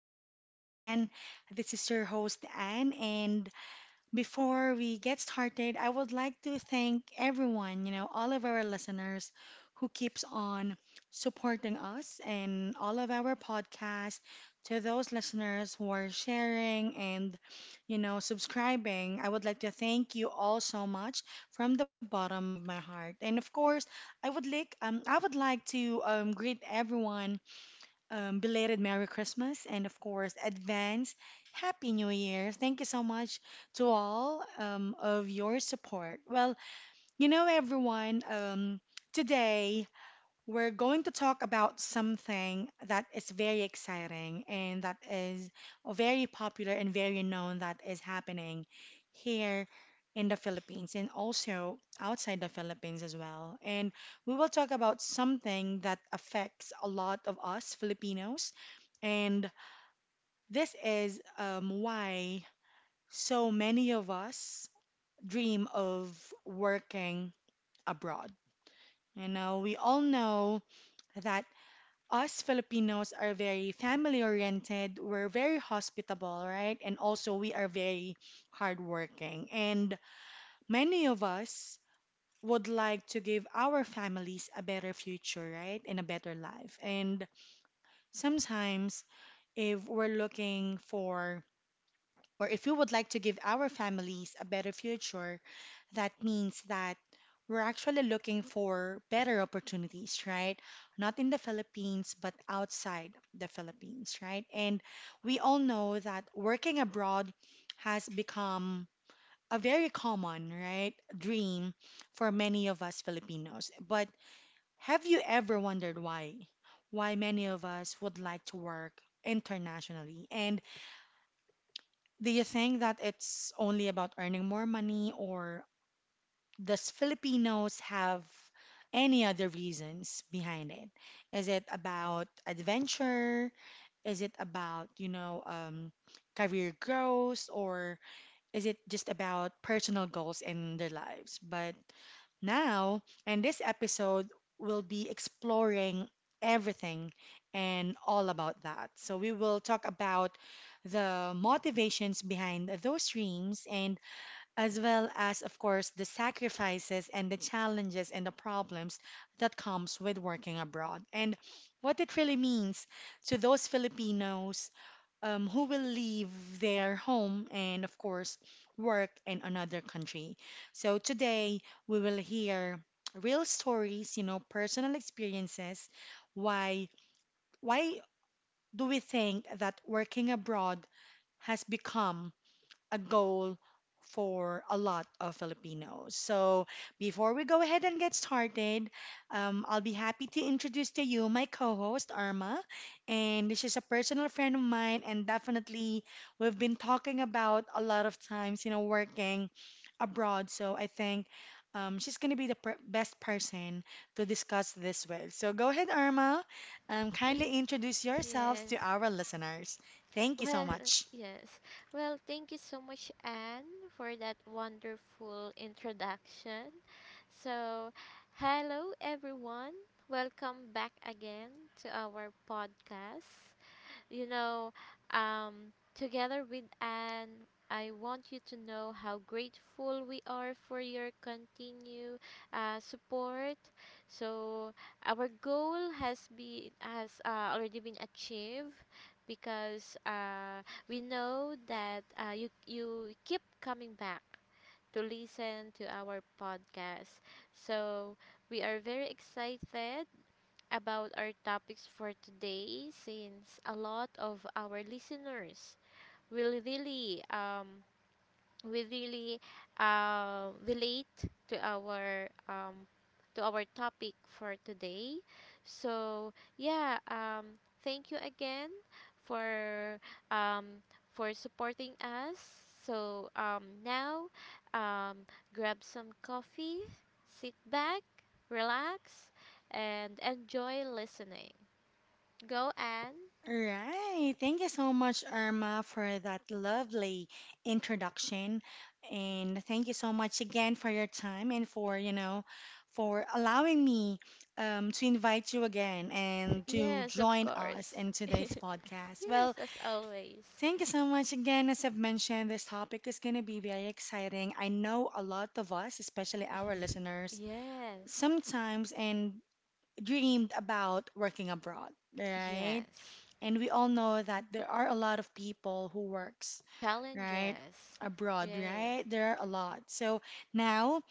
podcast. Again, this is your host, Anne, and before we get started, I would like to thank everyone, all of our listeners who keeps on supporting us and all of our podcasts, to those listeners who are sharing and, subscribing. I would like to thank you all so much from the bottom of my heart. And of course, I would like to greet everyone belated Merry Christmas and, of course, advance Happy New Year. Thank you so much to all of your support. Well, everyone, today we're going to talk about something that is very exciting and that is very popular and very known that is happening here in the Philippines and also outside the Philippines as well. And we will talk about something that affects a lot of us Filipinos. And this is why so many of us dream of working abroad. You know, we all know that us Filipinos are very family oriented, we're very hospitable, right? And also we are very hardworking. And many of us would like to give our families a better future, right? And a better life. And sometimes if we're looking for or if you would like to give our families a better future, that means that we're actually looking for better opportunities, right? Not in the Philippines, but outside the Philippines, right? And we all know that working abroad has become a very common, right, dream for many of us Filipinos. But have you ever wondered why? Why many of us would like to work internationally? And do you think that it's only about earning more money, or does Filipinos have any other reasons behind it? Is it about adventure? Is it about, career growth, or is it just about personal goals in their lives? But now, in this episode, we'll be exploring everything and all about that. So, we will talk about the motivations behind those dreams and as well as of course the sacrifices and the challenges and the problems that comes with working abroad and what it really means to those Filipinos who will leave their home and, of course, work in another country. So today we will hear real stories, you know, personal experiences. Why, why do we think that working abroad has become a goal for a lot of Filipinos. So, before we go ahead and get started, I'll be happy to introduce to you my co host, Arma. And this is a personal friend of mine, and definitely we've been talking about a lot of times, you know, working abroad. So, I think she's going to be the best person to discuss this with. So, go ahead, Arma. Kindly introduce yourselves to Yes. our listeners. Thank you so Well, much. yes. Well, thank you so much, Anne, for that wonderful introduction. So, hello, everyone. Welcome back again to our podcast. You know, Together with Anne, I want you to know how grateful we are for your continued support. So our goal has been has already been achieved because we know that you keep coming back to listen to our podcast. So we are very excited about our topics for today, since a lot of our listeners will really we really relate to our topic for today. So yeah, thank you again for um, for supporting us. So now, um, grab some coffee, sit back, relax, and enjoy listening. Go and Right. Thank you so much, Irma, for that lovely introduction. And thank you so much again for your time and for, you know, for allowing me to invite you again and to yes, of join us course, in today's podcast. Well, yes, as always. thank you so much again. As I've mentioned, this topic is going to be very exciting. I know a lot of us, especially our listeners, Yes. sometimes and dreamed about working abroad, right? Yes. And we all know that there are a lot of people who works, right? Challenges. Abroad, Yeah. right? There are a lot. So now,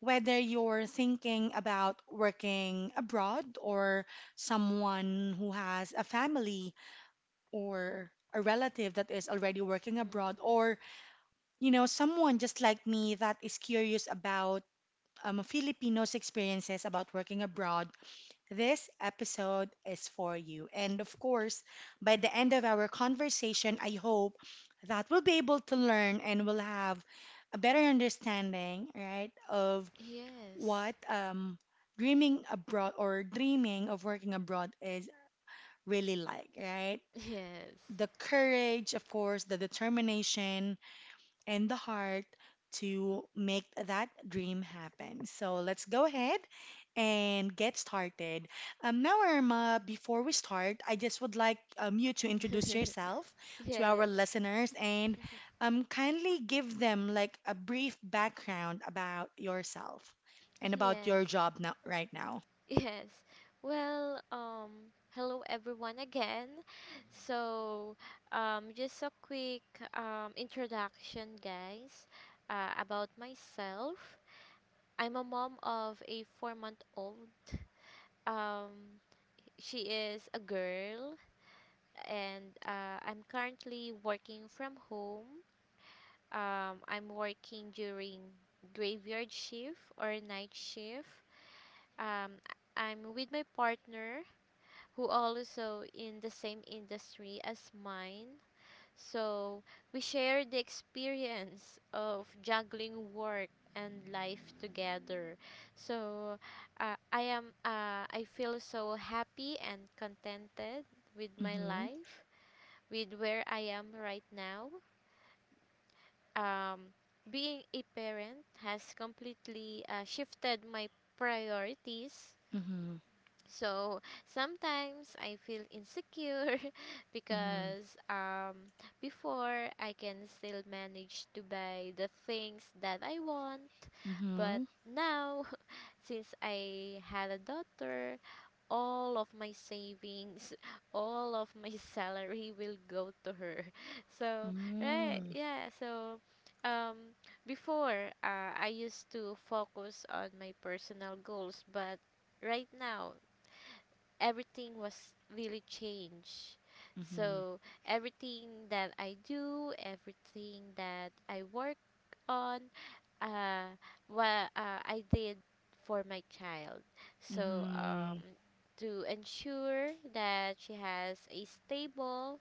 whether you're thinking about working abroad or someone who has a family or a relative that is already working Mm. abroad or, you know, someone just like me that is curious about Filipinos' experiences about working abroad this episode is for you. And of course, by the end of our conversation, I hope that we'll be able to learn and we'll have a better understanding, right, of Yes. what dreaming abroad or dreaming of working abroad is really like, right? Yes. The courage, of course, the determination, and the heart to make that dream happen. So let's go ahead and get started. Now, Irma, before we start, I just would like you to introduce yourself to our yes. listeners and kindly give them like a brief background about yourself and about your Yes. job now, right now. Yes. Well, hello everyone again. So, just a quick introduction, guys, about myself. I'm a mom of a 4-month-old. Um she is a girl, and I'm currently working from home. I'm working during graveyard shift or night shift. Um, I'm with my partner, who also in the same industry as mine. So we share the experience of juggling work and life together. So I feel so happy and contented with my Mm-hmm. life, with where I am right now. Um, Being a parent has completely shifted my priorities. Mm-hmm. So sometimes I feel insecure, Mm-hmm. because before I can still manage to buy the things that I want, but Mm-hmm. now since I had a daughter, all of my savings, all of my salary will go to her. So, right, Mm-hmm. yeah, so um before I used to focus on my personal goals, but right now everything was really changed. So everything that I do, everything that I work on, uh, what I did for my child. So Mm-hmm. to ensure that she has a stable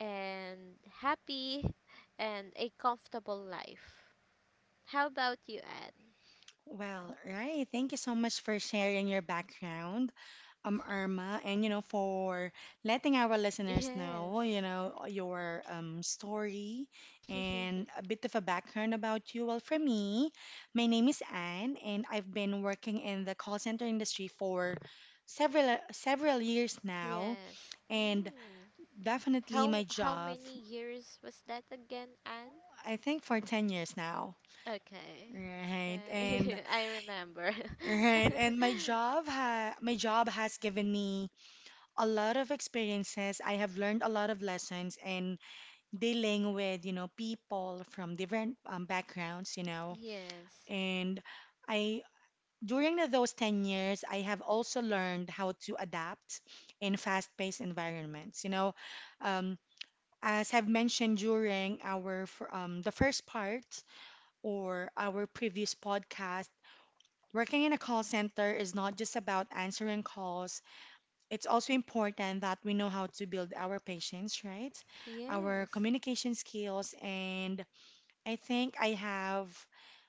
and happy and a comfortable life. How about you, Anne? Well, right. Thank you so much for sharing your background, Irma, and you know for letting our listeners know, you know, your story Yes. and a bit of a background about you. Well, for me, my name is Anne, and I've been working in the call center industry for several years now, yes. and Mm. definitely How my how job, many years was that again, Anne? I think for 10 years now. Okay. Right. And Right. I remember. right, and my job has given me a lot of experiences. I have learned a lot of lessons in dealing with, you know, people from different backgrounds, you know. yes. And I during those 10 years, I have also learned how to adapt in fast-paced environments, you know. Um, as I've mentioned during our the first part or our previous podcast, working in a call center is not just about answering calls. It's also important that we know how to build our patience, right? Our Yes. communication skills. And I think I have,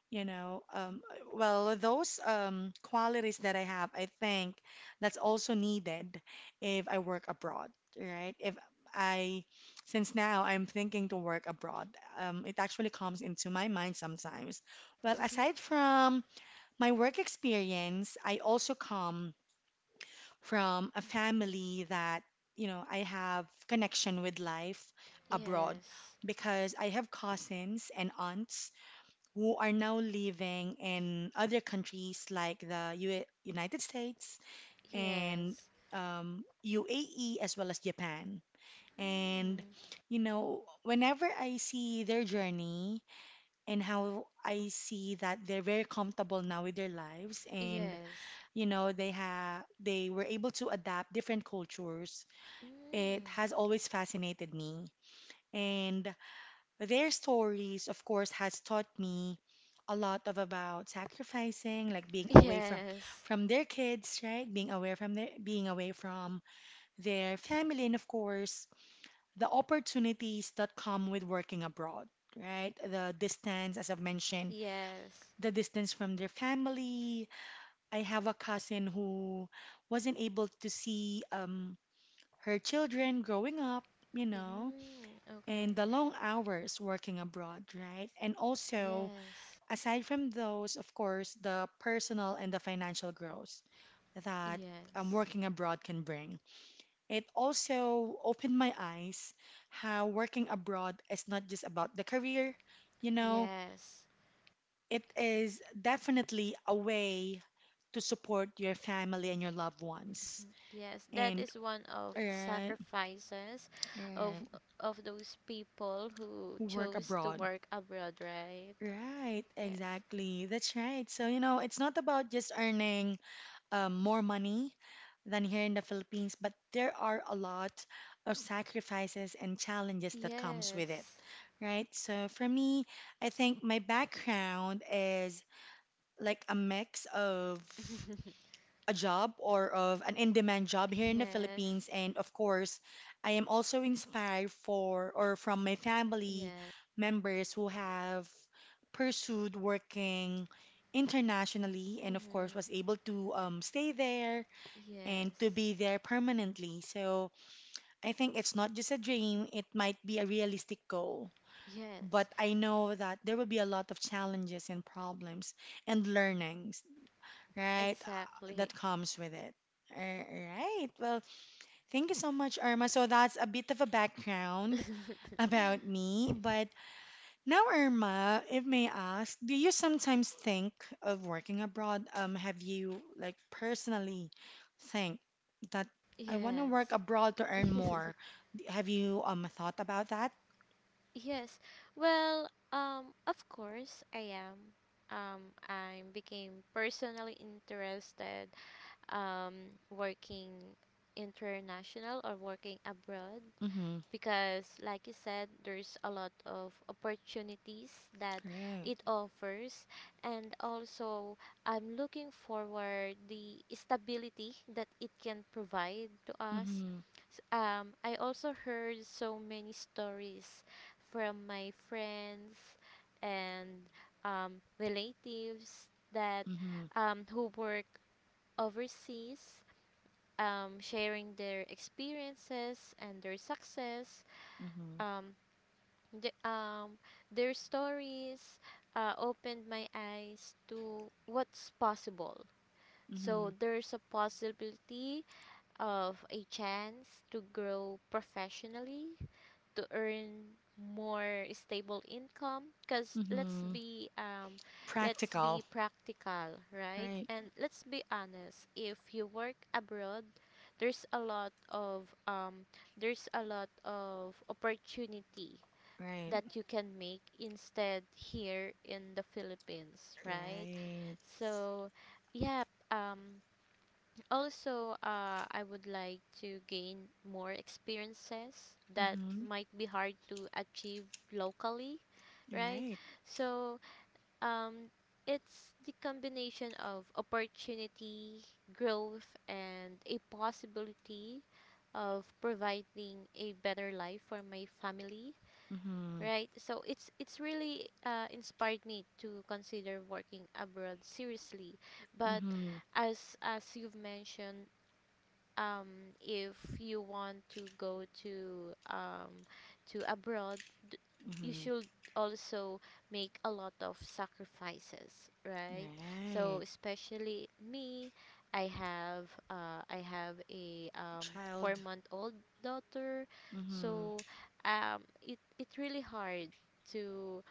you know, um, those qualities that I have, I think that's also needed if I work abroad, right? If I, since now I'm thinking to work abroad, it actually comes into my mind sometimes. Well, aside from my work experience, I also come from a family that, you know, I have connection with life abroad Yes. because I have cousins and aunts who are now living in other countries like the U United States and Yes. UAE as well as Japan. And, Mm. you know, whenever I see their journey and how I see that they're very comfortable now with their lives and Yes. you know they were able to adapt different cultures, it Mm. has always fascinated me, and their stories of course has taught me a lot of about sacrificing, like being away Yes. from their kids, right, being away from their being away from their family, and of course the opportunities that come with working abroad, right, the distance, as I've mentioned, Yes. the distance from their family. I have a cousin who wasn't able to see her children growing up, you know, Mm. and Okay. the long hours working abroad, right? And also, Yes. aside from those, of course, the personal and the financial growth that Yes. working abroad can bring. It also opened my eyes how working abroad is not just about the career, you know, Yes. it is definitely a way to support your family and your loved ones Mm, yes, that and is one of the and sacrifices of and of those people who who work chose to abroad. work abroad, right? Right, Yes. exactly. That's right. So, you know, it's not about just earning more money than here in the Philippines, but there are a lot of sacrifices and challenges that comes with it, Yes. right? So for me, I think my background is like a mix of a job or of an in-demand job here in the yes. Philippines. And of course, I am also inspired for or from my family Yes. members who have pursued working internationally and of course Mm-hmm. was able to stay there and to Yes. be there permanently. So I think it's not just a dream, it might be a realistic goal. But Yes. I know that there will be a lot of challenges and problems and learnings, right, Exactly. that comes with it. All right. Well, thank you so much, Irma. So that's a bit of a background about me. But now, Irma, if may ask, do you sometimes think of working abroad? Have you like personally think that I want to work Yes. abroad to earn more? Have you thought about that? Yes. Well, of course I am. Um, I became personally interested working international or working abroad, Mm-hmm. because like you said there's a lot of opportunities that Great. it offers, and also I'm looking forward the stability that it can provide to us. Mm-hmm. I also heard so many stories from my friends and um, relatives that Mm-hmm. Who work overseas, sharing their experiences and their success, Mm-hmm. um, the, um, their stories opened my eyes to what's possible. Mm-hmm. So there's a possibility of a chance to grow professionally, to earn more stable income, because let's Mm-hmm. be um let's be Practical. practical, right? Right. And let's be honest, if you work abroad, there's a lot of there's a lot of opportunity Right. that you can make instead here in the Philippines, right? Right. So yeah, um also, I would like to gain more experiences that Mm-hmm. might be hard to achieve locally, right? Right. So, um, it's the combination of opportunity, growth, and a possibility of providing a better life for my family, Mm-hmm. right? So it's really inspired me to consider working abroad seriously, but Mm-hmm. as you've mentioned, if you want to go to abroad, d- you Mm-hmm. should also make a lot of sacrifices, right? So Right. especially me, I have a four Child. month old daughter, Mm-hmm. so it really hard to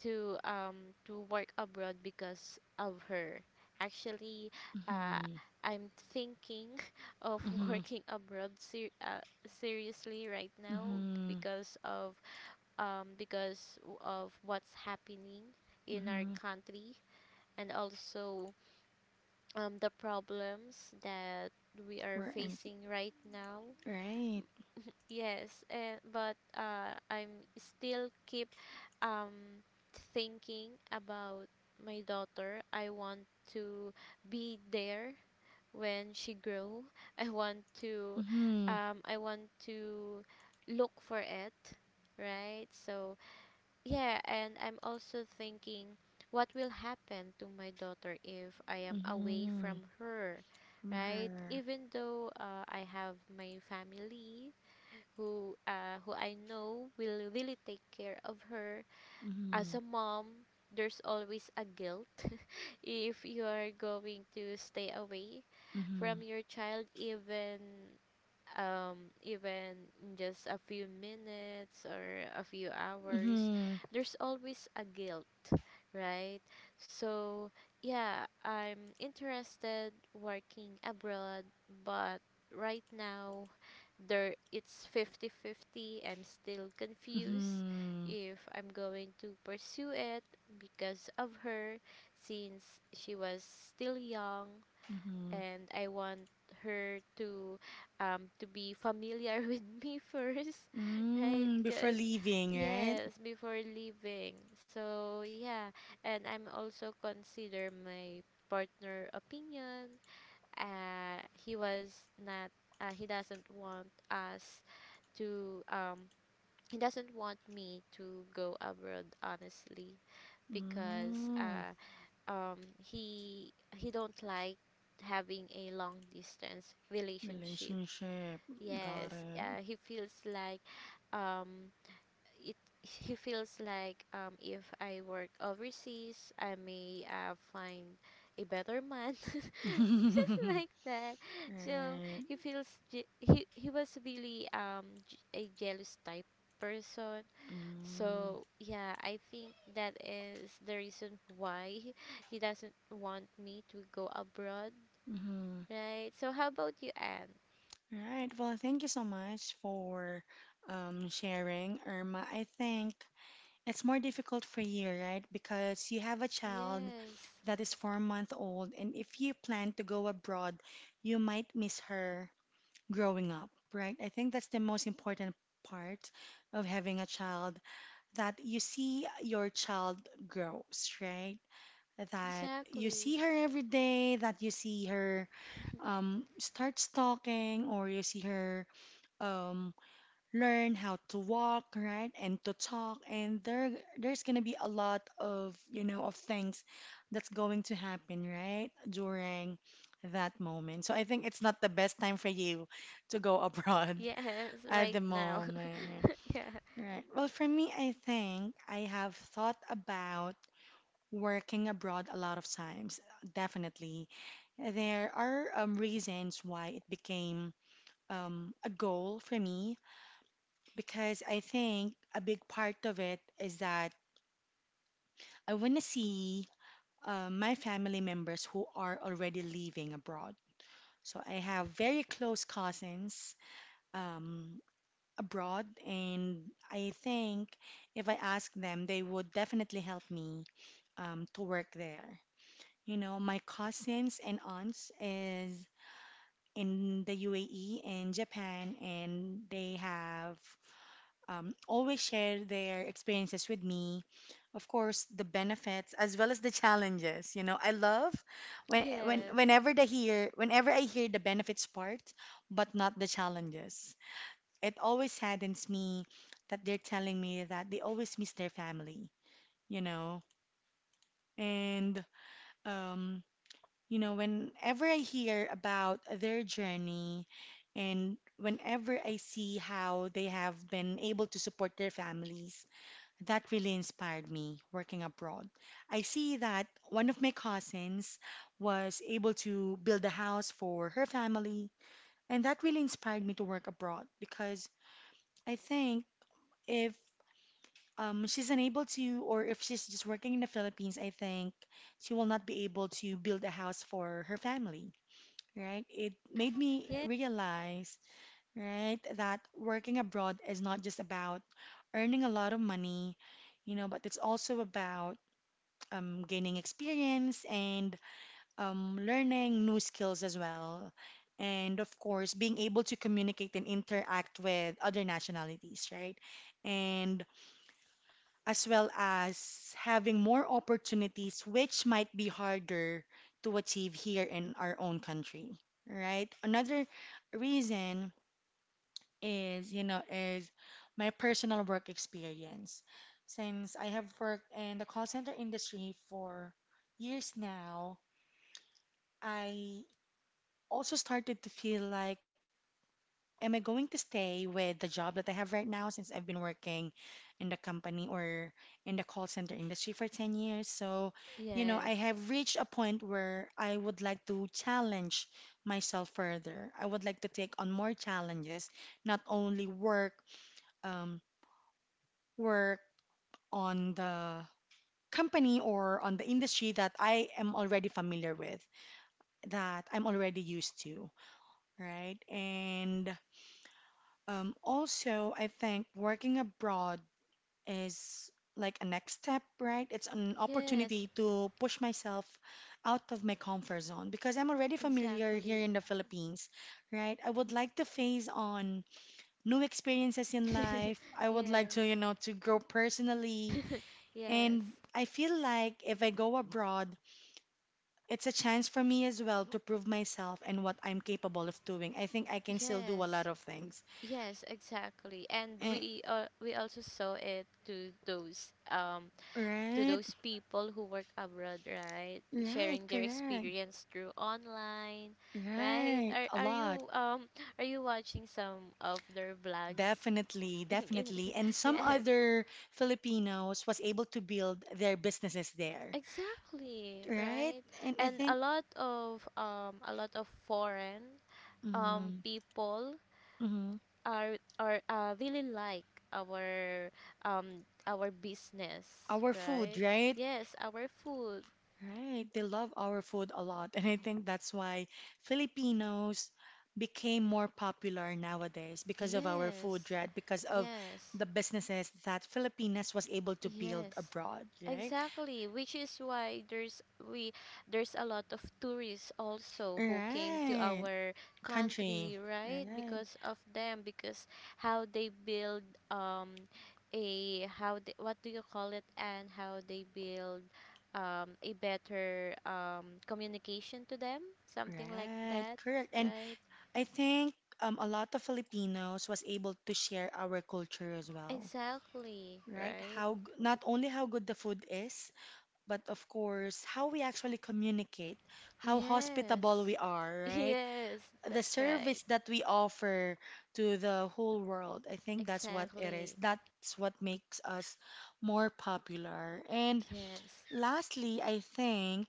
to work abroad because of her. Actually, uh, Mm-hmm. I'm thinking of Mm-hmm. working abroad seriously right now, Mm-hmm. because of of what's happening in our Mm-hmm. country, and also the problems that we are We're in- facing right now. right. Yes, and but I'm still keep um thinking about my daughter. I want to be there when she grow. I want to Mm-hmm. I want to look for it, right? So yeah, and I'm also thinking what will happen to my daughter if I am away Mm-hmm. from her, From right? her. Even though I have my family, who I know will really take care of her. As Mm-hmm. a mom, there's always a guilt, if you are going to stay away Mm-hmm. from your child, even even in just a few minutes or a few hours. Mm-hmm. There's always a guilt, right? So yeah, I'm interested working abroad, but right now there it's 50/50. I'm still confused Mm-hmm. if I'm going to pursue it because of her, since she was still young, Mm-hmm. and I want her to to be familiar with me first, right? Mm, before Because, leaving, right? yes, before leaving, so yeah. And I'm also consider my partner opinion. He was not, he doesn't want us to, he doesn't want me to go abroad, honestly. Because Mm, he don't like having a long distance relationship. relationship. Got Yes, it. He feels like um it he feels like if I work overseas, I may find a better man, just like that. So Right. he feels, he was really a jealous type person. Mm, So yeah, I think that is the reason why he doesn't want me to go abroad, mhm. right? So how about you, Anne? Right. Well, thank you so much for sharing, Irma. I think it's more difficult for you, right? Because you have a child Yes, that is 4-month old, and if you plan to go abroad, you might miss her growing up, right? I think that's the most important part of having a child that you see your child grows, right? That you exactly. see her every day, that you see her starts talking or you see her um, learn how to walk, right, and to talk, and there's gonna be a lot of you know of things that's going to happen, right, during that moment. So I think it's not the best time for you to go abroad Yes, at right the now. moment. yeah. Right. Well, for me, I think I have thought about working abroad a lot of times, definitely. There are reasons why it became a goal for me because I think a big part of it is that I want to see my family members who are already living abroad. So I have very close cousins um, abroad, and I think if I ask them, they would definitely help me to work there. You know, my cousins and aunts is in the UAE and Japan, and they have always shared their experiences with me. Of course, the benefits as well as the challenges. You know, I love when Yes. Whenever I hear the benefits part, but not the challenges. It always saddens me that they're telling me that they always miss their family. You know, and um Whenever I hear about their journey and whenever I see how they have been able to support their families, that really inspired me working abroad. I see that one of my cousins was able to build a house for her family, and that really inspired me to work abroad because I think if she's unable to, or if she's just working in the Philippines, I think she will not be able to build a house for her family, right? It made me Yes. realize, right, that working abroad is not just about earning a lot of money, you know, but it's also about gaining experience and learning new skills as well. And of course, being able to communicate and interact with other nationalities, right? And as well as having more opportunities which might be harder to achieve here in our own country, right? Another reason is my personal work experience. Since I have worked in the call center industry for years now, I also started to feel like, am I going to stay with the job that I have right now since I've been working in the company or in the call center industry for 10 years? So, you know, I Yes. have reached a point where I would like to challenge myself further. I would like to take on more challenges, not only um, work on the company or on the industry that I am already familiar with, that I'm already used to, right? And Also, I think working abroad is like a next step, right? It's an Yes. opportunity to push myself out of my comfort zone because I'm already familiar here Exactly. in the Philippines, right? I would like to phase on new experiences in life. I would like yes. to, to grow personally. yes. And I feel like if I go abroad, it's a chance for me as well to prove myself and what I'm capable of doing. I think I can still do a lot Yes. of things. Yes, exactly. And Eh, we also saw it to those um to Right. those people who work abroad, right? Right, Sharing their correct. experience through online, right? Right, Are a are lot. you are you watching some of their vlogs? Definitely, In, definitely. And some yes, other Filipinos was able to build their businesses there, exactly, right? right? And I And think a lot of foreign mm, people mhm, are really like our our business, our food, right? right? Yes, our food. Right. They love our food a lot. And I think that's why Filipinos became more popular nowadays because of our food, Yes. right? Because of Yes. the businesses that Filipinas was able to build Yes, abroad, right? exactly. Which is why there's a lot of tourists also who came to Right. our Country. country, right? Right. Because of them, because how they build um a how they, what do you call it, and how they build a better communication to them, something like Right. that, Correct. And right? I think a lot of Filipinos was able to share our culture as well. Exactly, Right? right? Not only how good the food is, but of course how we actually communicate, how hospitable Yes. we are, right? Yes, The that's right. service that we offer to the whole world. I think that's what it is. Exactly. That's what makes us more popular. And Yes. lastly, I think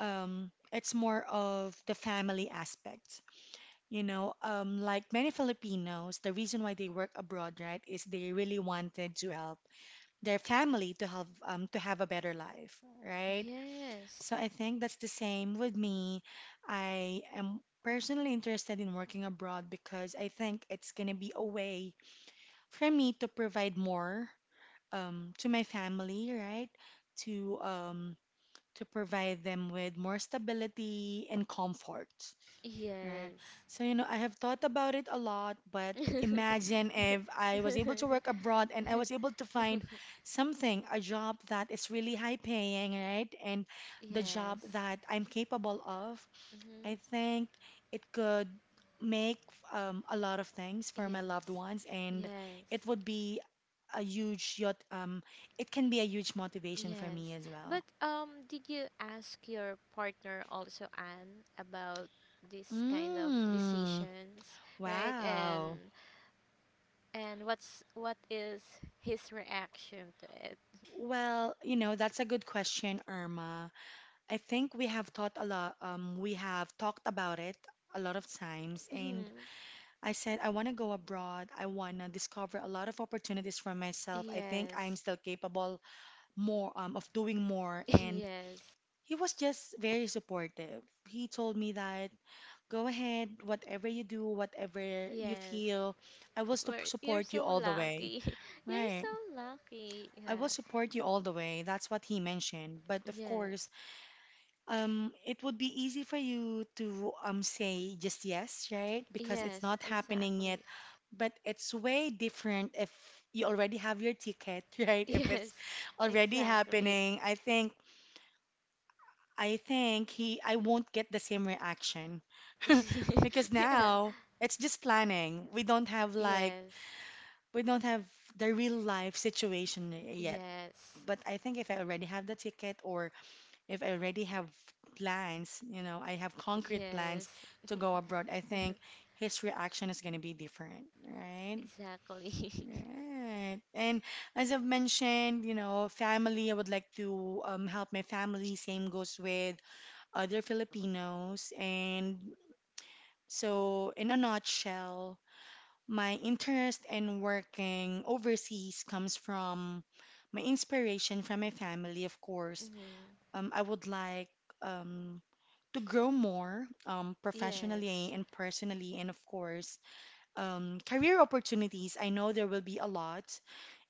it's more of the family aspect. You know, like many Filipinos, the reason why they work abroad, right, is they really wanted to help their family to have a better life, right? Yes. So I think that's the same with me. I am personally interested in working abroad because I think it's gonna be a way for me to provide more to my family, right? To um, to provide them with more stability and comfort. Right? Yes. So, you know, I have thought about it a lot, but imagine if I was yes. able to work abroad and I was Hmm. able to find something, a job that is really high paying, right? And the job Yes. that I'm capable of, I think it could make a lot of things for my loved Yes. ones and it would be a huge it can be a huge motivation for me Yes. as well. But did you ask your partner also, Anne, about this kind of Mm, decisions, right? wow. And what is his reaction to it? Well, you know, that's a good question, Irma. I think we have thought a lot, we have talked about it a lot of times, and I said I want to go abroad. I want to discover a lot of opportunities for myself. I think I'm yes. still capable more, of doing more, and yes. he was just very supportive. He told me that go ahead, whatever you do, whatever you Yes. feel, I will we you're support you so all the way. lucky. You're Right. so lucky. I will Yeah. support you all the way. That's what he mentioned. But of course, Yes. It would be easy for you to say just yes, right? Because it's Yes, not happening yet. exactly. But it's way different if you already have your ticket, right? If it's Yes, already exactly. happening, I think he I won't get the same reaction because yeah. now it's just planning. Yes. We don't have the real life situation yet. Yes. But I think if I already have the ticket or if I already have plans, you know, I have concrete Yes. plans to go abroad, I think his reaction is going to be different, right? exactly. Right. And as I've mentioned, you know, family, I would like to help my family. Same goes with other Filipinos. And so, in a nutshell, my interest in working overseas comes from my inspiration from my family, of course. hmm. I would like um, to grow more professionally Yes. and personally, and of course, career opportunities. I know there will be a lot,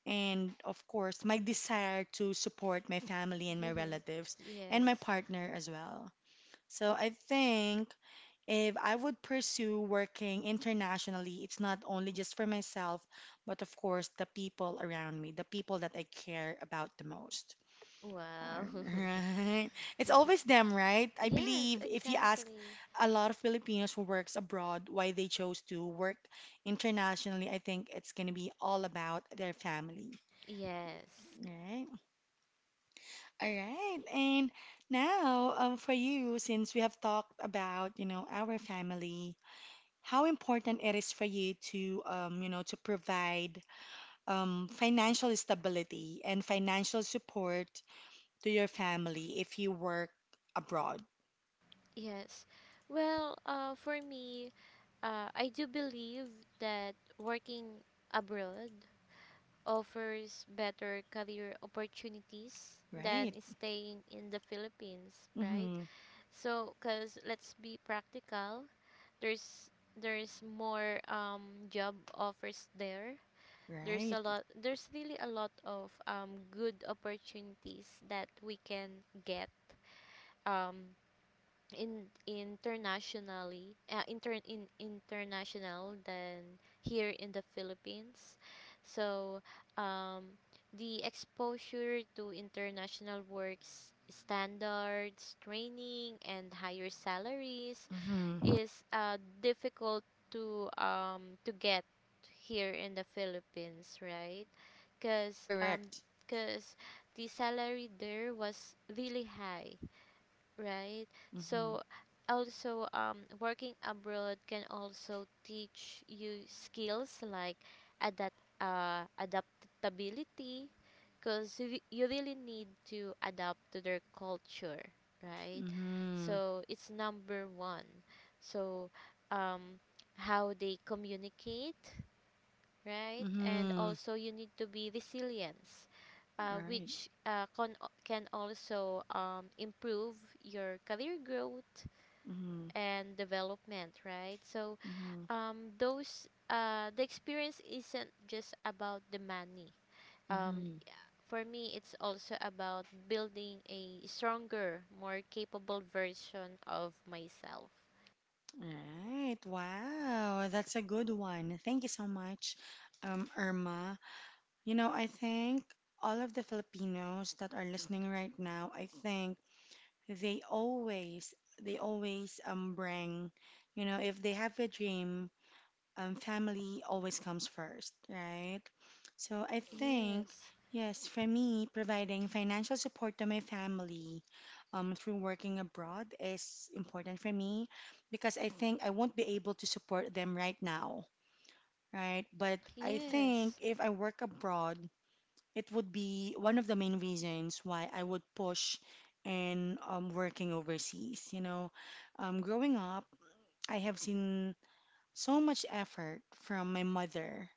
and of course, my desire to support my family and my Mhm. relatives and my Yes. partner as well. So I think if I would pursue working internationally, it's not only just for myself, but of course, the people around me, the people that I care about the most. Wow. Alright. It's always them, right? I yes, believe if you ask exactly. a lot of Filipinos who works abroad why they chose to work internationally, I think it's gonna be all about their family. Yes. Right. All right. And now, for you, since we have talked about, you know, our family, how important it is for you to, you know, to provide financial stability and financial support to your family if you work abroad. Yes. Well, for me, I do believe that working abroad offers better career opportunities Right. than staying in the Philippines, right? Mm-hmm. So, cause let's be practical. There's there's more job offers there. There's a Right. lot. There's really a lot of good opportunities that we can get. Um, in international than here in the Philippines. So um, the exposure to international works standards, training, and higher salaries Mm-hmm. is difficult to get here in the Philippines, right? Because Correct. 'cause the salary there was really high. Right. Mm-hmm. So also working abroad can also teach you skills like adaptability, because you really need to adapt to their culture, right? Mm-hmm. So it's number one. So um how they communicate, right? And Mm-hmm. also you need to be resilient, Right. which can also improve your career growth Mm-hmm. and development, right? So Mm-hmm. Those the experience isn't just about the money. Um, Mm-hmm. for me, it's also about building a stronger, more capable version of myself. Right. Wow. That's a good one. Thank you so much, Irma. You know, I think all of the Filipinos that are listening right now, I think they always, they always you know, if they have a dream, family always comes first, right? So I think, Yes, yes, for me, providing financial support to my family through working abroad is important for me because I think I won't be able to support them right now, right? But I think yes, if I work abroad, it would be one of the main reasons why I would push in working overseas. You know, growing up, I have seen so much effort from my mother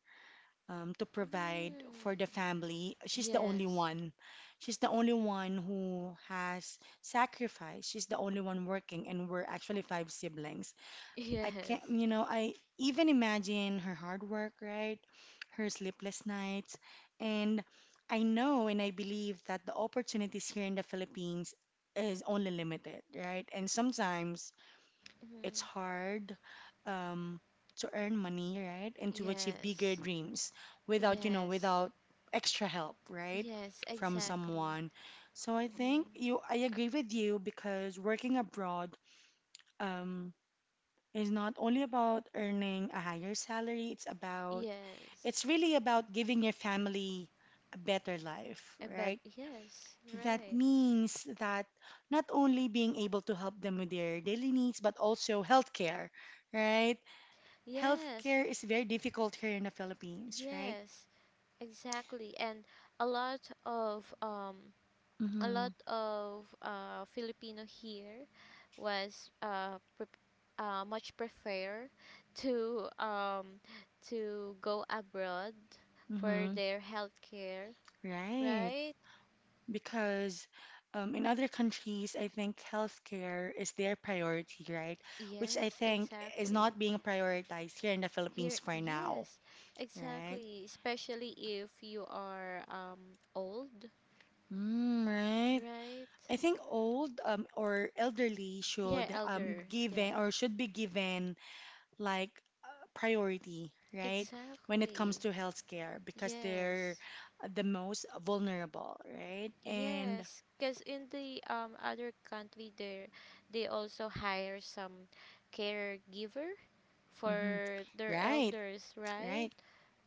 to provide mm. for the family. She's the only Yes, one. She's the only one who has sacrificed. She's the only one working, and we're actually 5 siblings. I can't, yes, you know, I even imagine her hard work, right? Her sleepless nights. And I know and I believe that the opportunities here in the Philippines is only limited, right? And sometimes it's mm. hard um, to earn money, right? And to achieve bigger Yes, dreams without, you know, yes. without extra help, right? Yes, From exactly. someone. So I think Hmm. you, I agree with you because working abroad um, is not only about earning a higher salary, it's Yes. it's really about giving your family a better life, A bad. right? Yes, That right. means that not only being able to help them with their daily needs, but also healthcare, right? Yes, Healthcare is very difficult here in the Philippines, right? yes, exactly. And a lot of um, a Mm-hmm. lot of Filipino here was uh, pre- much prefer to to go abroad for Mm-hmm. their healthcare, Right. right? Because in other countries, I think healthcare is their priority, right? Which I Yes, think is exactly. not being prioritized here in the Philippines Here, for now, yes, right? exactly. Especially if you are old, Mm, right. right? I think old or elderly Yeah, should elder. Yep. given or should be given like uh, priority, right? When it comes Exactly. to healthcare, because they're Yes. the most vulnerable, right? And Yes, because in the other country there they also hire some caregiver mhm, for their right, elders, right? right,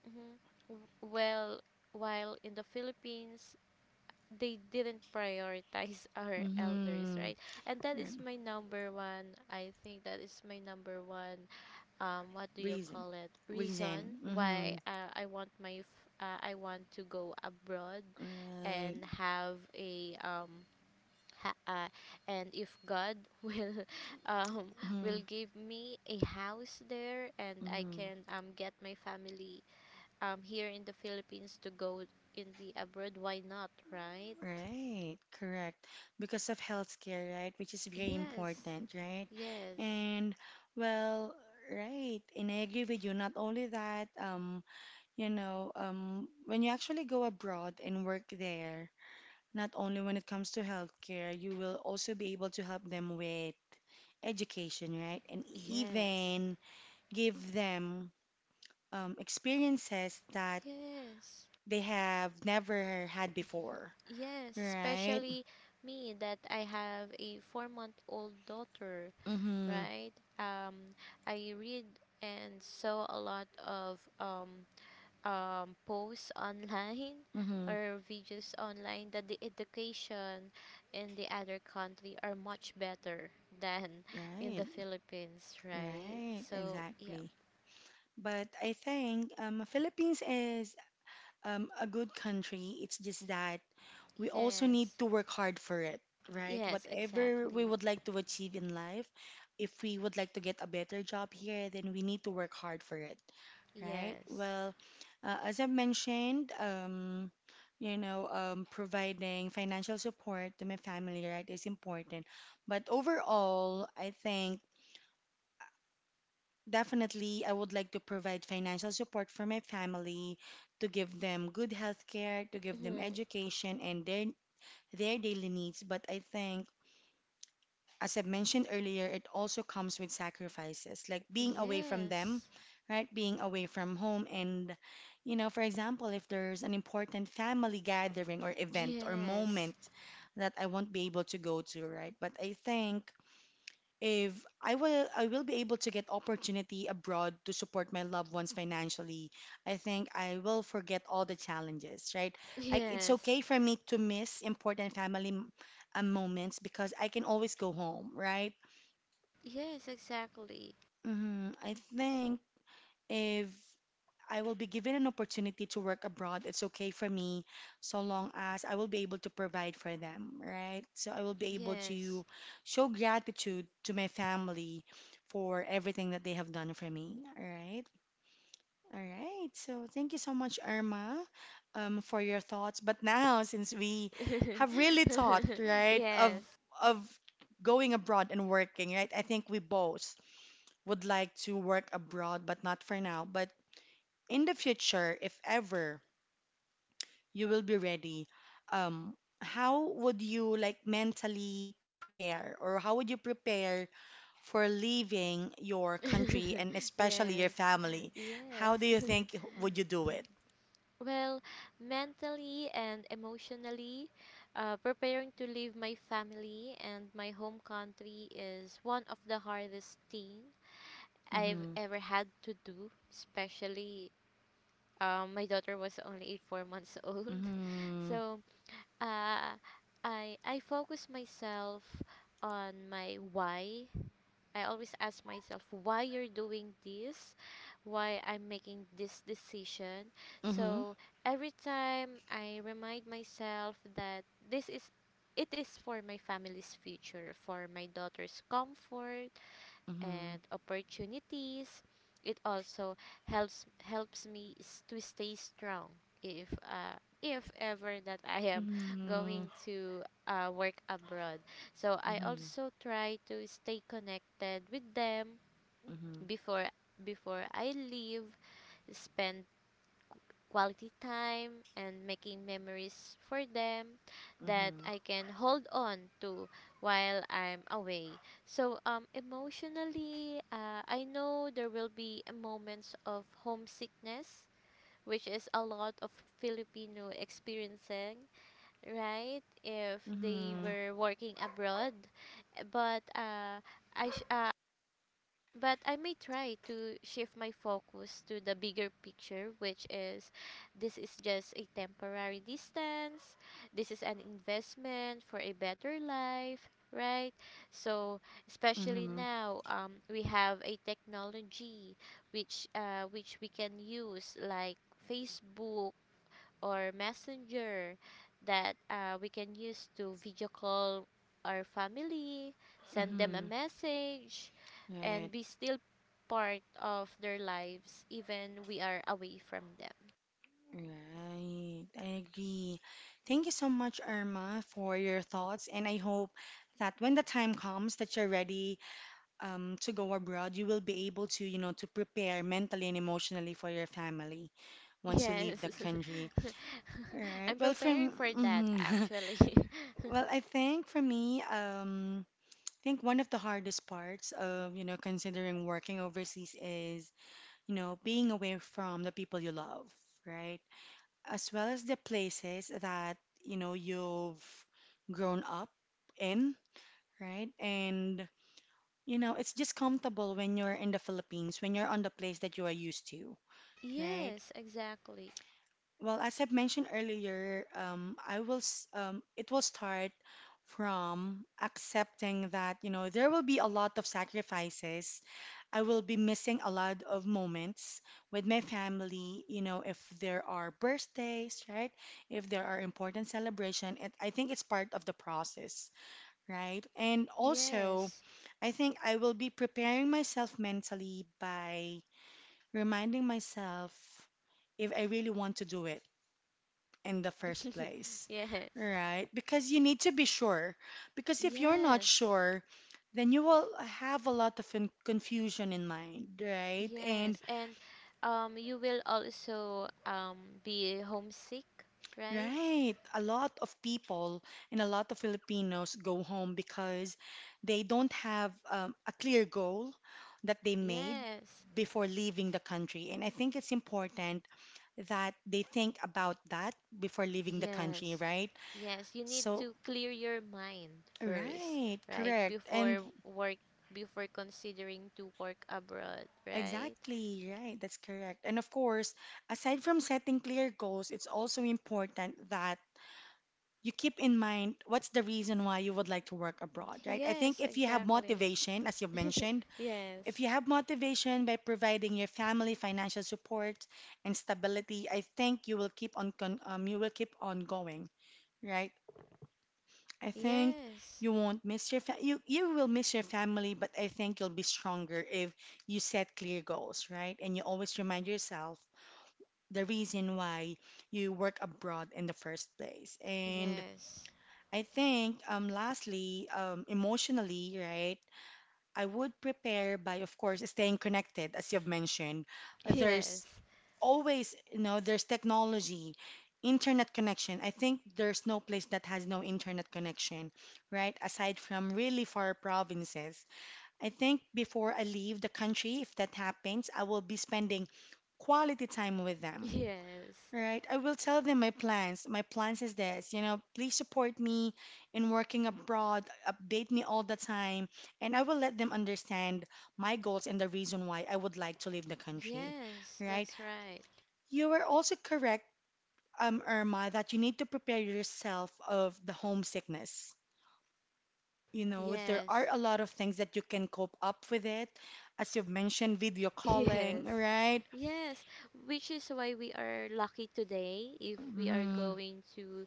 Mm-hmm. Well, while in the Philippines they didn't prioritize our elders, mm-hmm, right? And that right, is my number one. I think that is my number one. What do you reason, call it? Reason reason, why mm-hmm, I want to go abroad, right, and have a Ha- uh, and if God will um, mm-hmm, will give me a house there, and I mm-hmm, can get my family here in the Philippines to go in the abroad, why not, right? right, correct. Because of healthcare, right, which is very Yes, important, right? yes, And well, right, and I agree with you. Not only that, you know, when you actually go abroad and work there, not only when it comes to healthcare, you will also be able to help them with education, right? And yes, even give them experiences that yes, they have never had before, yes. right? Especially me that I have a 4-month old daughter, Mm-hmm. right? Um, I read and saw a lot of posts online Mm-hmm. or videos online that the education in the other country are much better than in Right. the Philippines, right? Right. So, yeah. Exactly. But I think Philippines is a good country. It's just that we also need yes. to work hard for it, right? Yes, Whatever we exactly. would like to achieve in life, if we would like to get a better job here, then we need to work hard for it, right? Yes. Well, as I mentioned, you know, providing financial support to my family, right, is important. But overall, I think definitely I would like to provide financial support for my family to give them good health care, to give them Mhm. education and their daily needs. But I think, as I've mentioned earlier, it also comes with sacrifices, like being away from them, Yes. right? Being away from home. And, you know, for example, if there's an important family gathering or event or Yes. moment that I won't be able to go to, right? But I think if I will be able to get opportunity abroad to support my loved ones financially, I think I will forget all the challenges, right? I, it's Yes. okay for me to miss important family moments because I can always go home, right? Yes, exactly. I think if I will be given an opportunity to work abroad, it's okay for me so long as I will be able to provide for them, right? So I will be able to Yes. show gratitude to my family for everything that they have done for me, all right? All right. So thank you so much, Irma, for your thoughts. But now, since we have really thought, right, Yes. of going abroad and working, right? I think we both would like to work abroad, but not for now. But in the future, if ever you will be ready, um, how would you like mentally prepare or how would you prepare for leaving your country and especially your Yes. family? Yes. How do you think would you do it? Well, mentally and emotionally, preparing to leave my family and my home country is one of the hardest thing I've Mm-hmm. ever had to do, especially my daughter was only eight, 4 months old. Mm-hmm. So uh, I focus myself on my why. I always ask myself why you're doing this, why I'm making this decision. Mm-hmm. So every time I remind myself that this is it is for my family's future, for my daughter's comfort, Mm-hmm. and opportunities. It also helps me to stay strong if ever that I am Mm-hmm. going to work abroad. So I Mm-hmm. also try to stay connected with them before I leave, spend quality time and making memories for them that Mm-hmm. I can hold on to while I'm away. So emotionally, I know there will be a moments of homesickness which is a lot of Filipino experiencing, right? If they Mm-hmm. were working abroad, but uh, I sh- uh, but I may try to shift my focus to the bigger picture, which is this is just a temporary distance, this is an investment for a better life, right? So, especially Mm-hmm. now, we have a technology which we can use like Facebook or messenger that we can use to video call our family, send them a Mm-hmm. message, and Right. be still part of their lives even we are away from them. Right, I agree. Thank you so much, Irma, for your thoughts. And I hope that when the time comes that you're ready to go abroad, you will be able to, you know, to prepare mentally and emotionally for your family once you leave Yes. the country. All right. I'm Well, for preparing for that actually. well, I think for me, I think one of the hardest parts of, you know, considering working overseas is, you know, being away from the people you love, right? As well as the places that you know you've grown up in, right? And you know, it's just comfortable when you're in the Philippines, when you're on the place that you are used to, right? Yes, exactly. Well, as I've mentioned earlier, I will s- it will start from accepting that, you know, there will be a lot of sacrifices. I will be missing a lot of moments with my family, you know, if there are birthdays, right? If there are important celebration, it, I think it's part of the process, right? And also, Yes. I think I will be preparing myself mentally by reminding myself if I really want to do it in the first place, Yes. right? Because you need to be sure. Because if you're not Yes. sure, then you will have a lot of confusion in mind, right? And Yes, and you will also be homesick, right? right, a lot of people and a lot of Filipinos go home because they don't have a clear goal that they made Yes, before leaving the country. And I think it's important that they think about that before leaving the country, yes, right? yes. You need So, to clear your mind first, right, right? correct. And Before work, before considering to work abroad, right? exactly, right. That's correct. And of course, aside from setting clear goals, it's also important that you keep in mind what's the reason why you would like to work abroad, right? I think Yes, if you have exactly. motivation, as you've mentioned, if Yes, you have motivation by providing your family financial support and stability, I think you will keep on con you will keep on going, right? I think yes, you won't miss your fa- you will miss your family, but I think you'll be stronger if you set clear goals, right? And you always remind yourself the reason why you work abroad in the first place. And yes, I think lastly, emotionally, right? I would prepare by of course staying connected as you've mentioned. There's yes, always, you know, there's technology, internet connection. I think there's no place that has no internet connection, right? Aside from really far provinces. I think before I leave the country, if that happens, I will be spending quality time with them. yes, Right, I will tell them my plans. My plans is this, you know, please support me in working abroad, update me all the time, and I will let them understand my goals and the reason why I would like to leave the country. yes. Right? That's right. You were also correct, Irma, that you need to prepare yourself of the homesickness. You know, there are Yes, a lot of things that you can cope up with it, as you've mentioned, video calling, yes. right? Yes, which is why we are lucky today if we are hmm going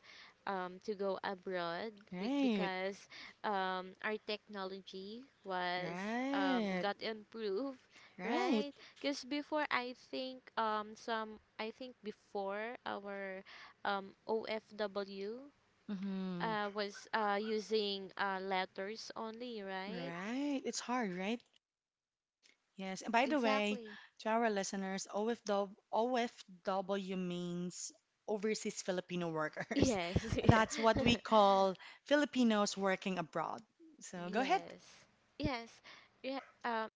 to go abroad, we, Right, because our technology was right, got improved, right. right? Because before I think some I think before our OFW hmm was using letters only, right? Right. It's hard, right? Yes, and by the way, Exactly. to our listeners, OFW, means Overseas Filipino Workers. Yes. That's what Yeah. we call Filipinos working abroad. So go ahead. Yes. Yes. Yeah.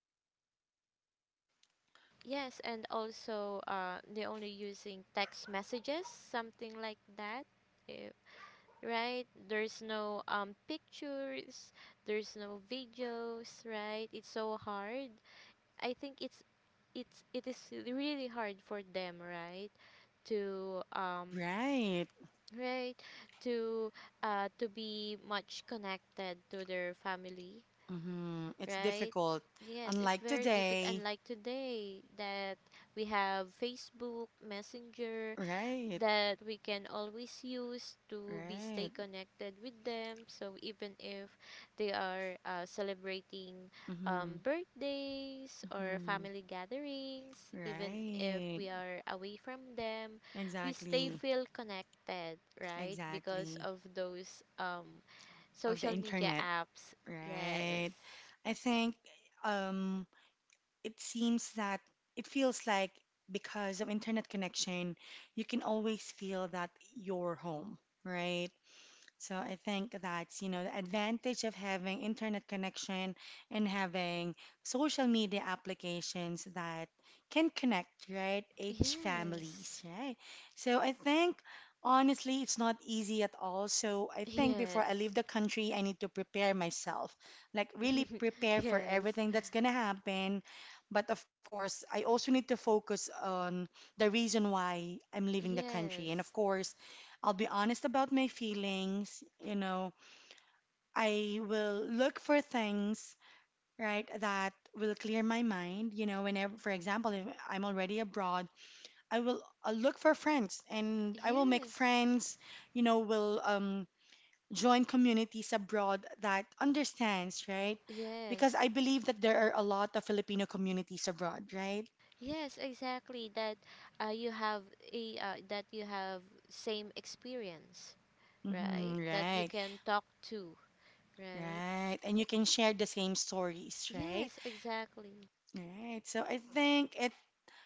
Yes, and also they only using text messages, something like that. eh, right? There's no pictures, there's no videos, right? It's so hard. I think it is really hard for them, right? To Right. right to be much connected to their family, It's right? difficult. Yes, it's Unlike very difficult. today. Unlike today, that we have Facebook, Messenger, Right. that we can always use to be stay Right. connected with them. So even if they are celebrating hmm birthdays or hmm family gatherings, even if Right. we are away from them, we stay Exactly. feel connected, right? Because Exactly. of those Of the social media internet. apps. Yes. Right. I think um it seems that it feels like because of internet connection, you can always feel that you're home, right? So I think that's, you know, the advantage of having internet connection and having social media applications that can connect, right, each families, Yes. right? So I think honestly it's not easy at all. So I think before I leave Yes. the country, I need to prepare myself. Like really prepare for Yes. everything that's gonna happen. But of course, I also need to focus on the reason why I'm leaving the country. Yes. And of course, I'll be honest about my feelings. You know, I will look for things, right, that will clear my mind. You know, whenever, for example, if I'm already abroad, I will I look for friends and I will make Yes. friends, you know, will join communities abroad that understands, right? Because I Yes. believe that there are a lot of Filipino communities abroad, right? Yes, exactly that you have a that you have same experience, right? That you Right, can talk to, right? right. And you can share the same stories, right? Yes, exactly. Right. So I think it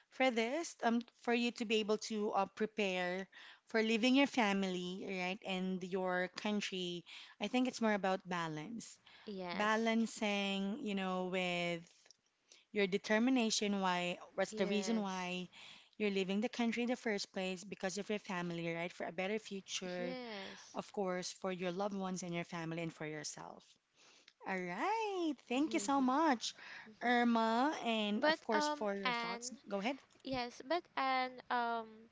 for this, for you to be able to prepare for leaving your family, right, and your country, I think it's more about balance. Yes. Balancing, you know, with your determination, why, what's the reason Yes. why you're leaving the country in the first place because of your family, right, for a better future, Yes. of course, for your loved ones and your family and for yourself. All right. Thank you so much, Irma, and But of course, for your thoughts. Anne, Go ahead. yes, but Anne,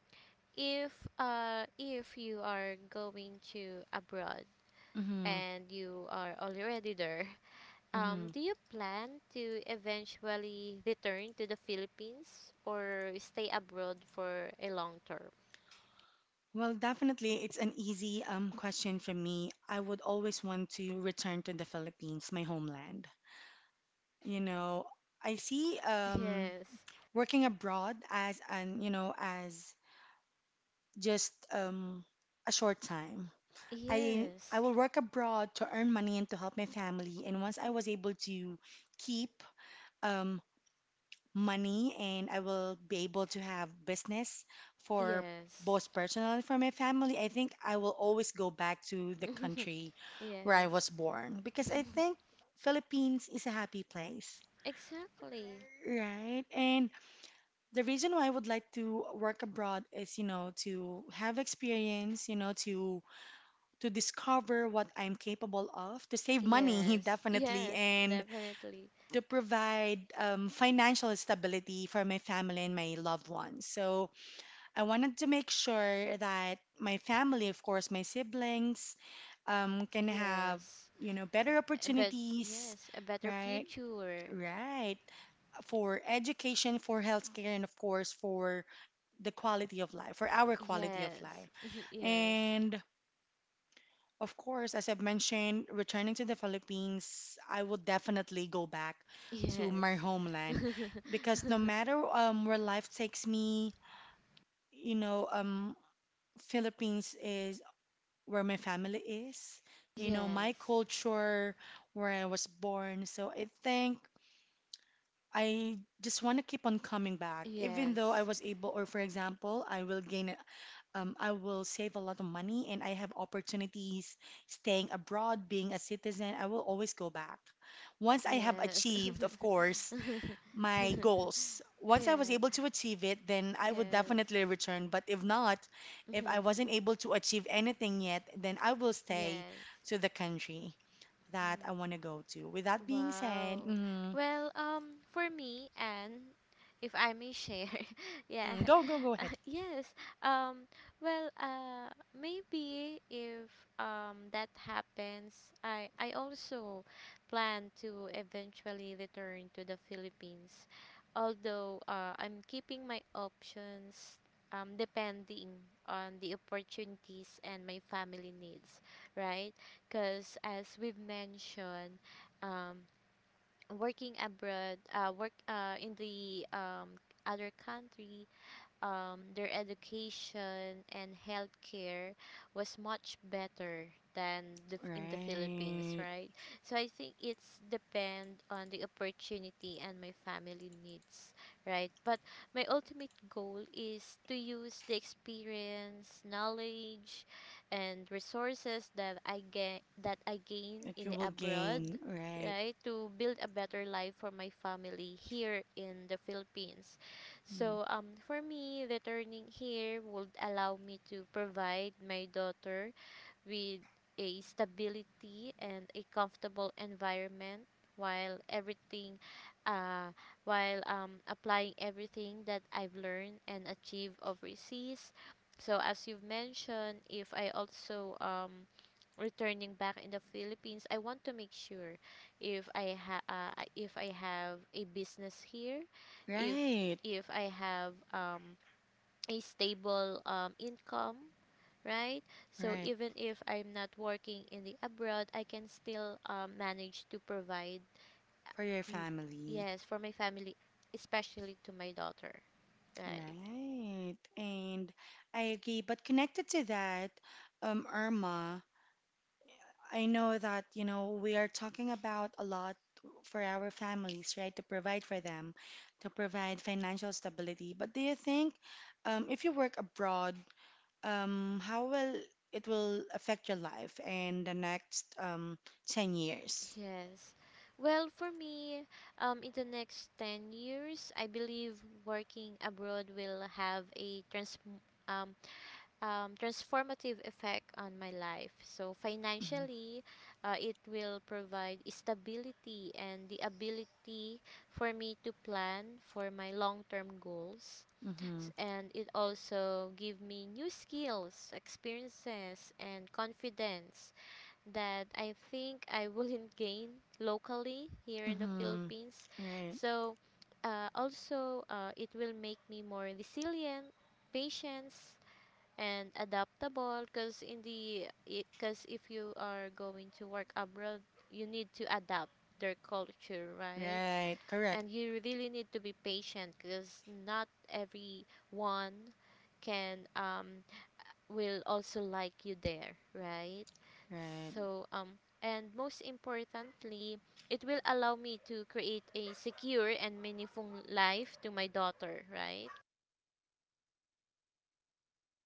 if if you are going to abroad Mm-hmm. and you are already there, Mm-hmm. do you plan to eventually return to the Philippines or stay abroad for a long term? Well, definitely, it's an easy question for me. I would always want to return to the Philippines, my homeland. You know, I see Yes, working abroad as an, you know, as just a short time. I yes, will work abroad to earn money and to help my family. And once I was able to keep um, money and I will be able to have business for yes. both personal and for my family, I think I will always go back to the country where Yes. I was born because I think Philippines is a happy place. Exactly. Right. And the reason why I would like to work abroad is, you know, to have experience, you know, to discover what I'm capable of, to save money Yes, definitely yes, and definitely. to provide financial stability for my family and my loved ones. So I wanted to make sure that my family, of course, my siblings, can have, Yes, you know, better but opportunities, yes, a better right? future. Right. For education, for healthcare, and of course, for the quality of life, for our quality of Yes. life. Yes. And of course, as I've mentioned, returning to the Philippines, I will definitely go back to my Yes. homeland because no matter where life takes me, you know, Philippines is where my family is, you know, my Yes. culture, where I was born. So I think I just want to keep on coming back, even though I Yes. was able, or for example, I will gain I will save a lot of money and I have opportunities staying abroad, being a citizen. I will always go back. Once I have Yes. achieved, of course, my goals, once I was Yeah. able to achieve it, then I would Yes. definitely return. But if not, if I wasn't able to achieve anything yet, then I will stay Yes. to the country that I Mhm. want to go to. With that being said, Wow. mhm, Well, for me, and if I may share, yeah, mhm, go ahead. Yes. Um, well, maybe if that happens, I also plan to eventually return to the Philippines, although I'm keeping my options depending on the opportunities and my family needs, right? Because as we've mentioned. um, work in the other country, their education and healthcare was much better than in the Philippines, Right. right? So I think it's depend on the opportunity and my family needs, right? But my ultimate goal is to use the experience, knowledge, and resources that I get that I gain That in you the will abroad, gain. Right. right, to build a better life for my family here in the Philippines. Mm. So, for me, returning here would allow me to provide my daughter with a stability and a comfortable environment while everything uh, while applying everything that I've learned and achieved overseas. So as you've mentioned, if I also returning back in the Philippines, I want to make sure if if I have a business here, if Right. I have a stable income, right? So Right. even if I'm not working in the abroad, I can still manage to provide, For your mm, family. yes, for my family, especially to my daughter. Right. Right. And I agree. But connected to that, Irma, I know that, you know, we are talking about a lot for our families, right? To provide for them, to provide financial stability. But do you think, if you work abroad, how will it will affect your life in the next 10 years? Yes. Well, for me, in the next 10 years, I believe working abroad will have a um, transformative effect on my life. So, Mm-hmm. financially, it will provide stability and the ability for me to plan for my long term goals. Mm-hmm. And it also give me new skills, experiences, and confidence that I think I wouldn't gain locally here in the Mm-hmm. Philippines. Right. So, it will make me more resilient, patience, and adaptable. Because in the, because if you are going to work abroad, you need to adapt their culture, right? Right. Correct. And you really need to be patient because not everyone can will also like you there, right? Right. So, and most importantly, it will allow me to create a secure and meaningful life to my daughter, right?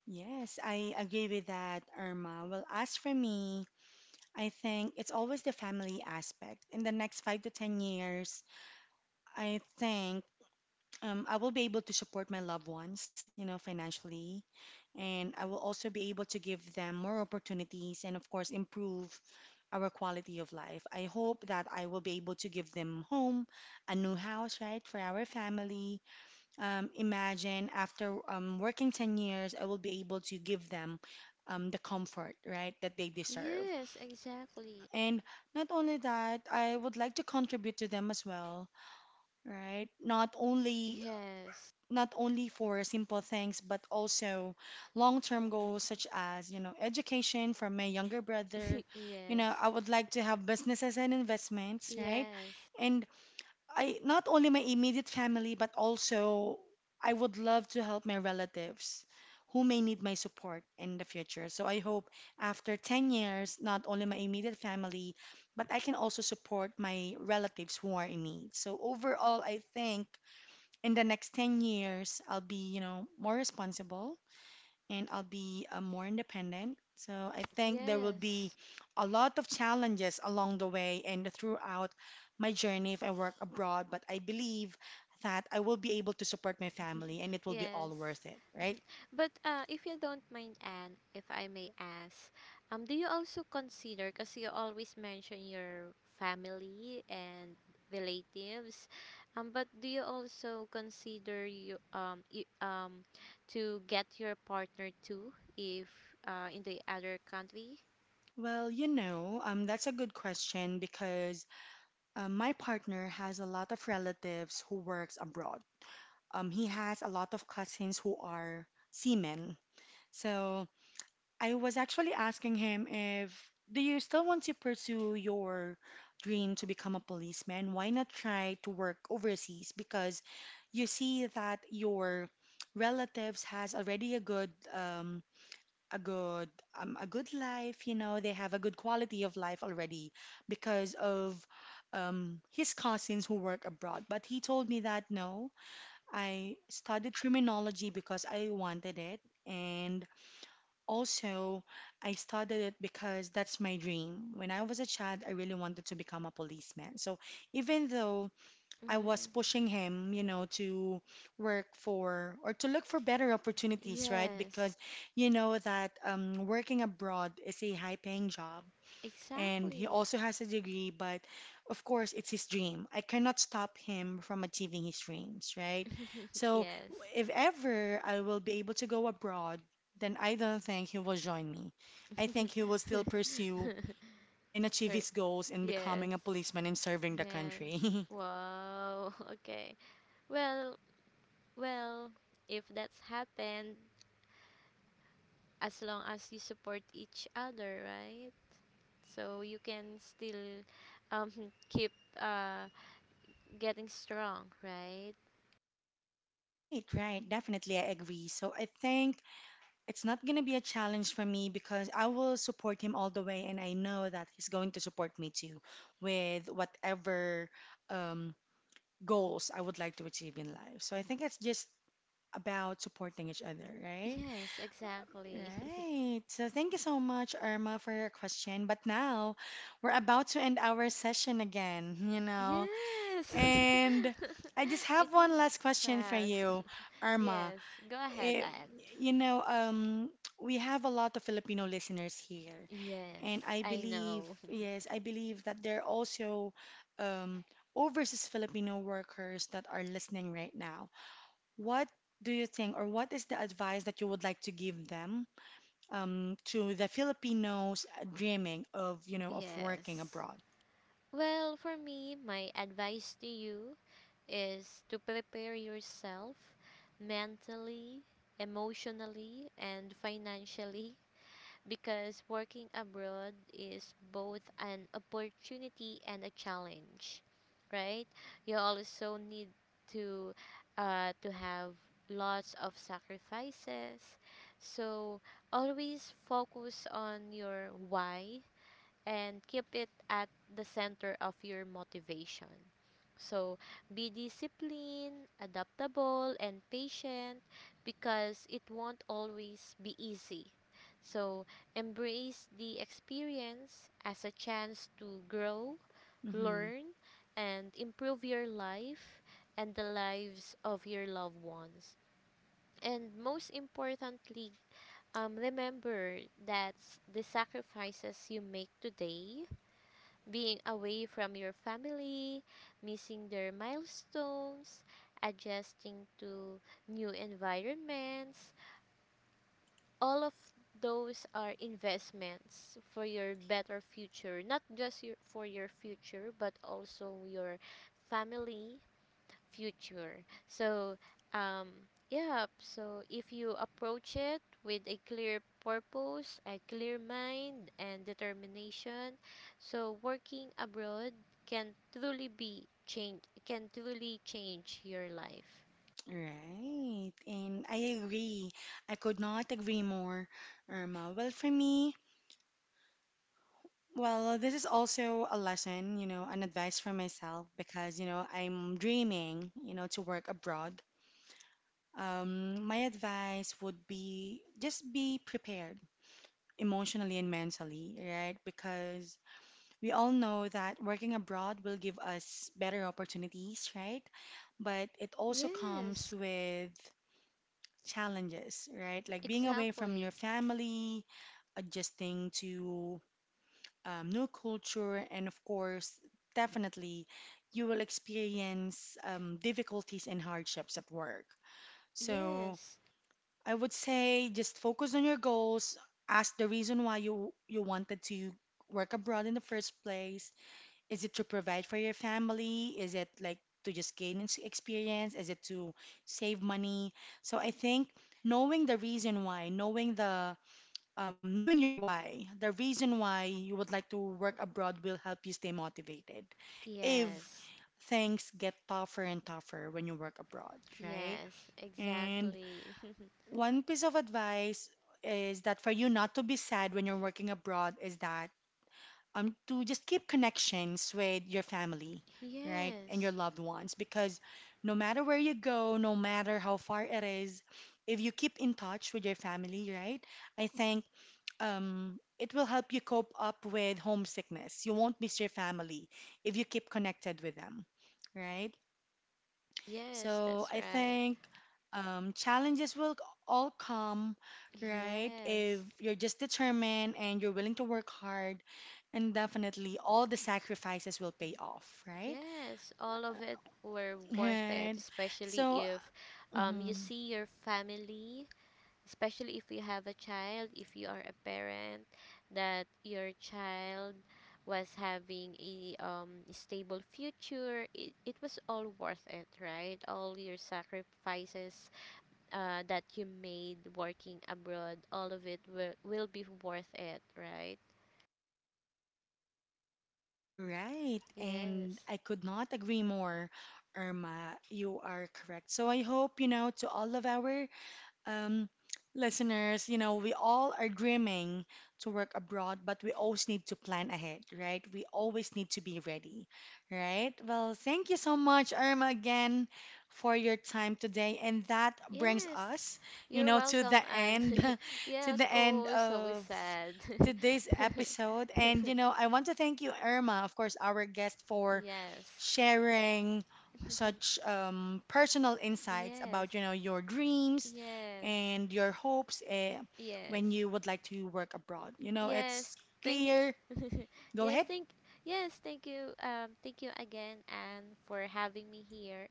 Yes, I agree with that, Irma. Well, as for me, I think it's always the family aspect. In the next five to 10 years, I think I will be able to support my loved ones, you know, financially. And I will also be able to give them more opportunities and, of course, improve our quality of life. I hope that I will be able to give them home, a new house, right, for our family imagine after working 10 years, I will be able to give them the comfort, right, that they deserve. Yes, exactly. And not only that, I would like to contribute to them as well, right? Yes. Not only for simple things, but also long-term goals such as, you know, education for my younger brother. You Yes. know, I would like to have businesses and investments, right? Yes. And I not only my immediate family, but also I would love to help my relatives who may need my support in the future. So I hope after 10 years, not only my immediate family, but I can also support my relatives who are in need. So overall, I think in the next 10 years, I'll be, you know, more responsible and I'll be more independent. So I think there will be Yes. a lot of challenges along the way and throughout my journey if I work abroad, but I believe that I will be able to support my family and it will be all Yes. worth it, right? But if you don't mind, Anne, if I may ask, do you also consider, because you always mention your family and relatives, but do you also consider to get your partner too, if in the other country? Well, you know, that's a good question because my partner has a lot of relatives who works abroad. He has a lot of cousins who are seamen. So I was actually asking him, if do you still want to pursue your dream to become a policeman? Why not try to work overseas? Because you see that your relatives has already a good a good a good life, you know, they have a good quality of life already because of his cousins who work abroad. But he told me that no, I studied criminology because I wanted it, and also, I started it because that's my dream. When I was a child, I really wanted to become a policeman. So even though I was Mm, pushing him, you know, to work for or to look for better opportunities, right? Because yes, you know that working abroad is a high-paying job, and he exactly. also has a degree, but of course, it's his dream. I cannot stop him from achieving his dreams, right? So, Yes. if ever I will be able to go abroad, then I don't think he will join me. I think he will still pursue and achieve Her. his goals in Yes. becoming a policeman and serving the Yes. country. Wow. Okay. Well, well, if that's happened, as long as you support each other, right? So you can still um keep uh getting strong, right? Right, right, definitely, I agree. So I think it's not gonna be a challenge for me because I will support him all the way, and I know that he's going to support me too with whatever um, goals I would like to achieve in life. So I think it's just about supporting each other, right? Yes, exactly. Right. So thank you so much, Irma, for your question. But now we're about to end our session again, you know. Yes. And I just It have one was last question for fast. you, Irma. Yes, go ahead, Eh, Anne. you know, we have a lot of Filipino listeners here, Yes, and I I believe, know. yes, I believe that there are also um, overseas Filipino workers that are listening right now. What do you think, or what is the advice that you would like to give them to the Filipinos dreaming of, you know, of working Yes. abroad? Well, for me, my advice to you is to prepare yourself mentally, emotionally, and financially because working abroad is both an opportunity and a challenge, right? You also need to to have lots of sacrifices. So always focus on your why and keep it at the center of your motivation. So be disciplined, adaptable, and patient because it won't always be easy. So embrace the experience as a chance to grow, Mm-hmm. learn, and improve your life and the lives of your loved ones. And most importantly, remember that the sacrifices you make today, being away from your family, missing their milestones, adjusting to new environments, all of those are investments for your better future, not just your, for your future, but also your family future. So, um, yeah, so if you approach it with a clear purpose, a clear mind, and determination, so working abroad can truly change your life. Right. And I agree. I could not agree more, Irma. Well, for me, well, this is also a lesson, you know, an advice for myself because, you know, I'm dreaming, you know, to work abroad. My advice would be just be prepared emotionally and mentally, right? Because we all know that working abroad will give us better opportunities, right? But it also comes Yes, with challenges, right? Like being away from exactly. your family, adjusting to new culture, and of course, definitely, you will experience difficulties and hardships at work. So Yes. I would say just focus on your goals. Ask the reason why you wanted to work abroad in the first place. Is it to provide for your family? Is it like to just gain experience? Is it to save money? So I think knowing the reason why, knowing your why, the reason why you would like to work abroad will help you stay motivated if Yes. things get tougher and tougher when you work abroad, right? Yes, And exactly. one piece of advice is that for you not to be sad when you're working abroad is that to just keep connections with your family, right? And your Yes. loved ones because no matter where you go, no matter how far it is, if you keep in touch with your family, right? I think it will help you cope up with homesickness. You won't miss your family if you keep connected with them, right? Yes, So that's I right. think challenges will all come, right? If Yes. you're just determined and you're willing to work hard, and definitely all the sacrifices will pay off, right? Yes, all of it were worth it, Right. especially So, if you mhm, see your family, especially if you have a child, if you are a parent, that your child was having a stable future. It was all worth it, right? All your sacrifices that you made working abroad, all of it will be worth it, right? right. And Yes. I could not agree more, Irma. You are correct. So I hope, you know, to all of our um, listeners, you know, we all are dreaming to work abroad, but we always need to plan ahead, right? We always need to be ready, right? Well, thank you so much, Irma, again for your time today. And that brings Yes, us, you you're know, to the welcome. And end, to yes, the end oh, so we of said. today's episode. And, you know, I want to thank you, Irma, of course, our guest, for Yes. sharing such personal insights Yes. about you know your dreams Yes. and your hopes Yes. when you would like to work abroad. You know, Yes. it's Thank you. clear. Go Yes, ahead. thank yes, thank you. Thank you again and for having me here.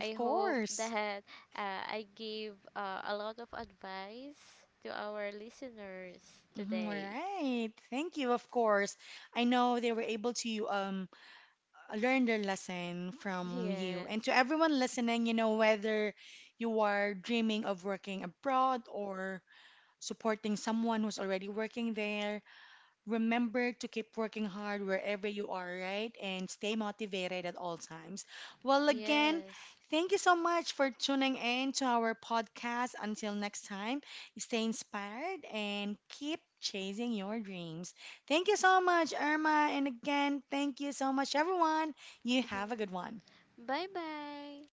I hope course. that I gave a lot of advice to our listeners Mhm, all today. right. Thank you. Of course. I know they were able to learn their lesson from you. And Yes. to everyone listening, you know, whether you are dreaming of working abroad or supporting someone who's already working there, remember to keep working hard wherever you are, right? And stay motivated at all times. Well, again, Yes. thank you so much for tuning in to our podcast. Until next time, stay inspired and keep chasing your dreams. Thank you so much, Irma. And again, thank you so much, everyone. You have a good one. Bye bye.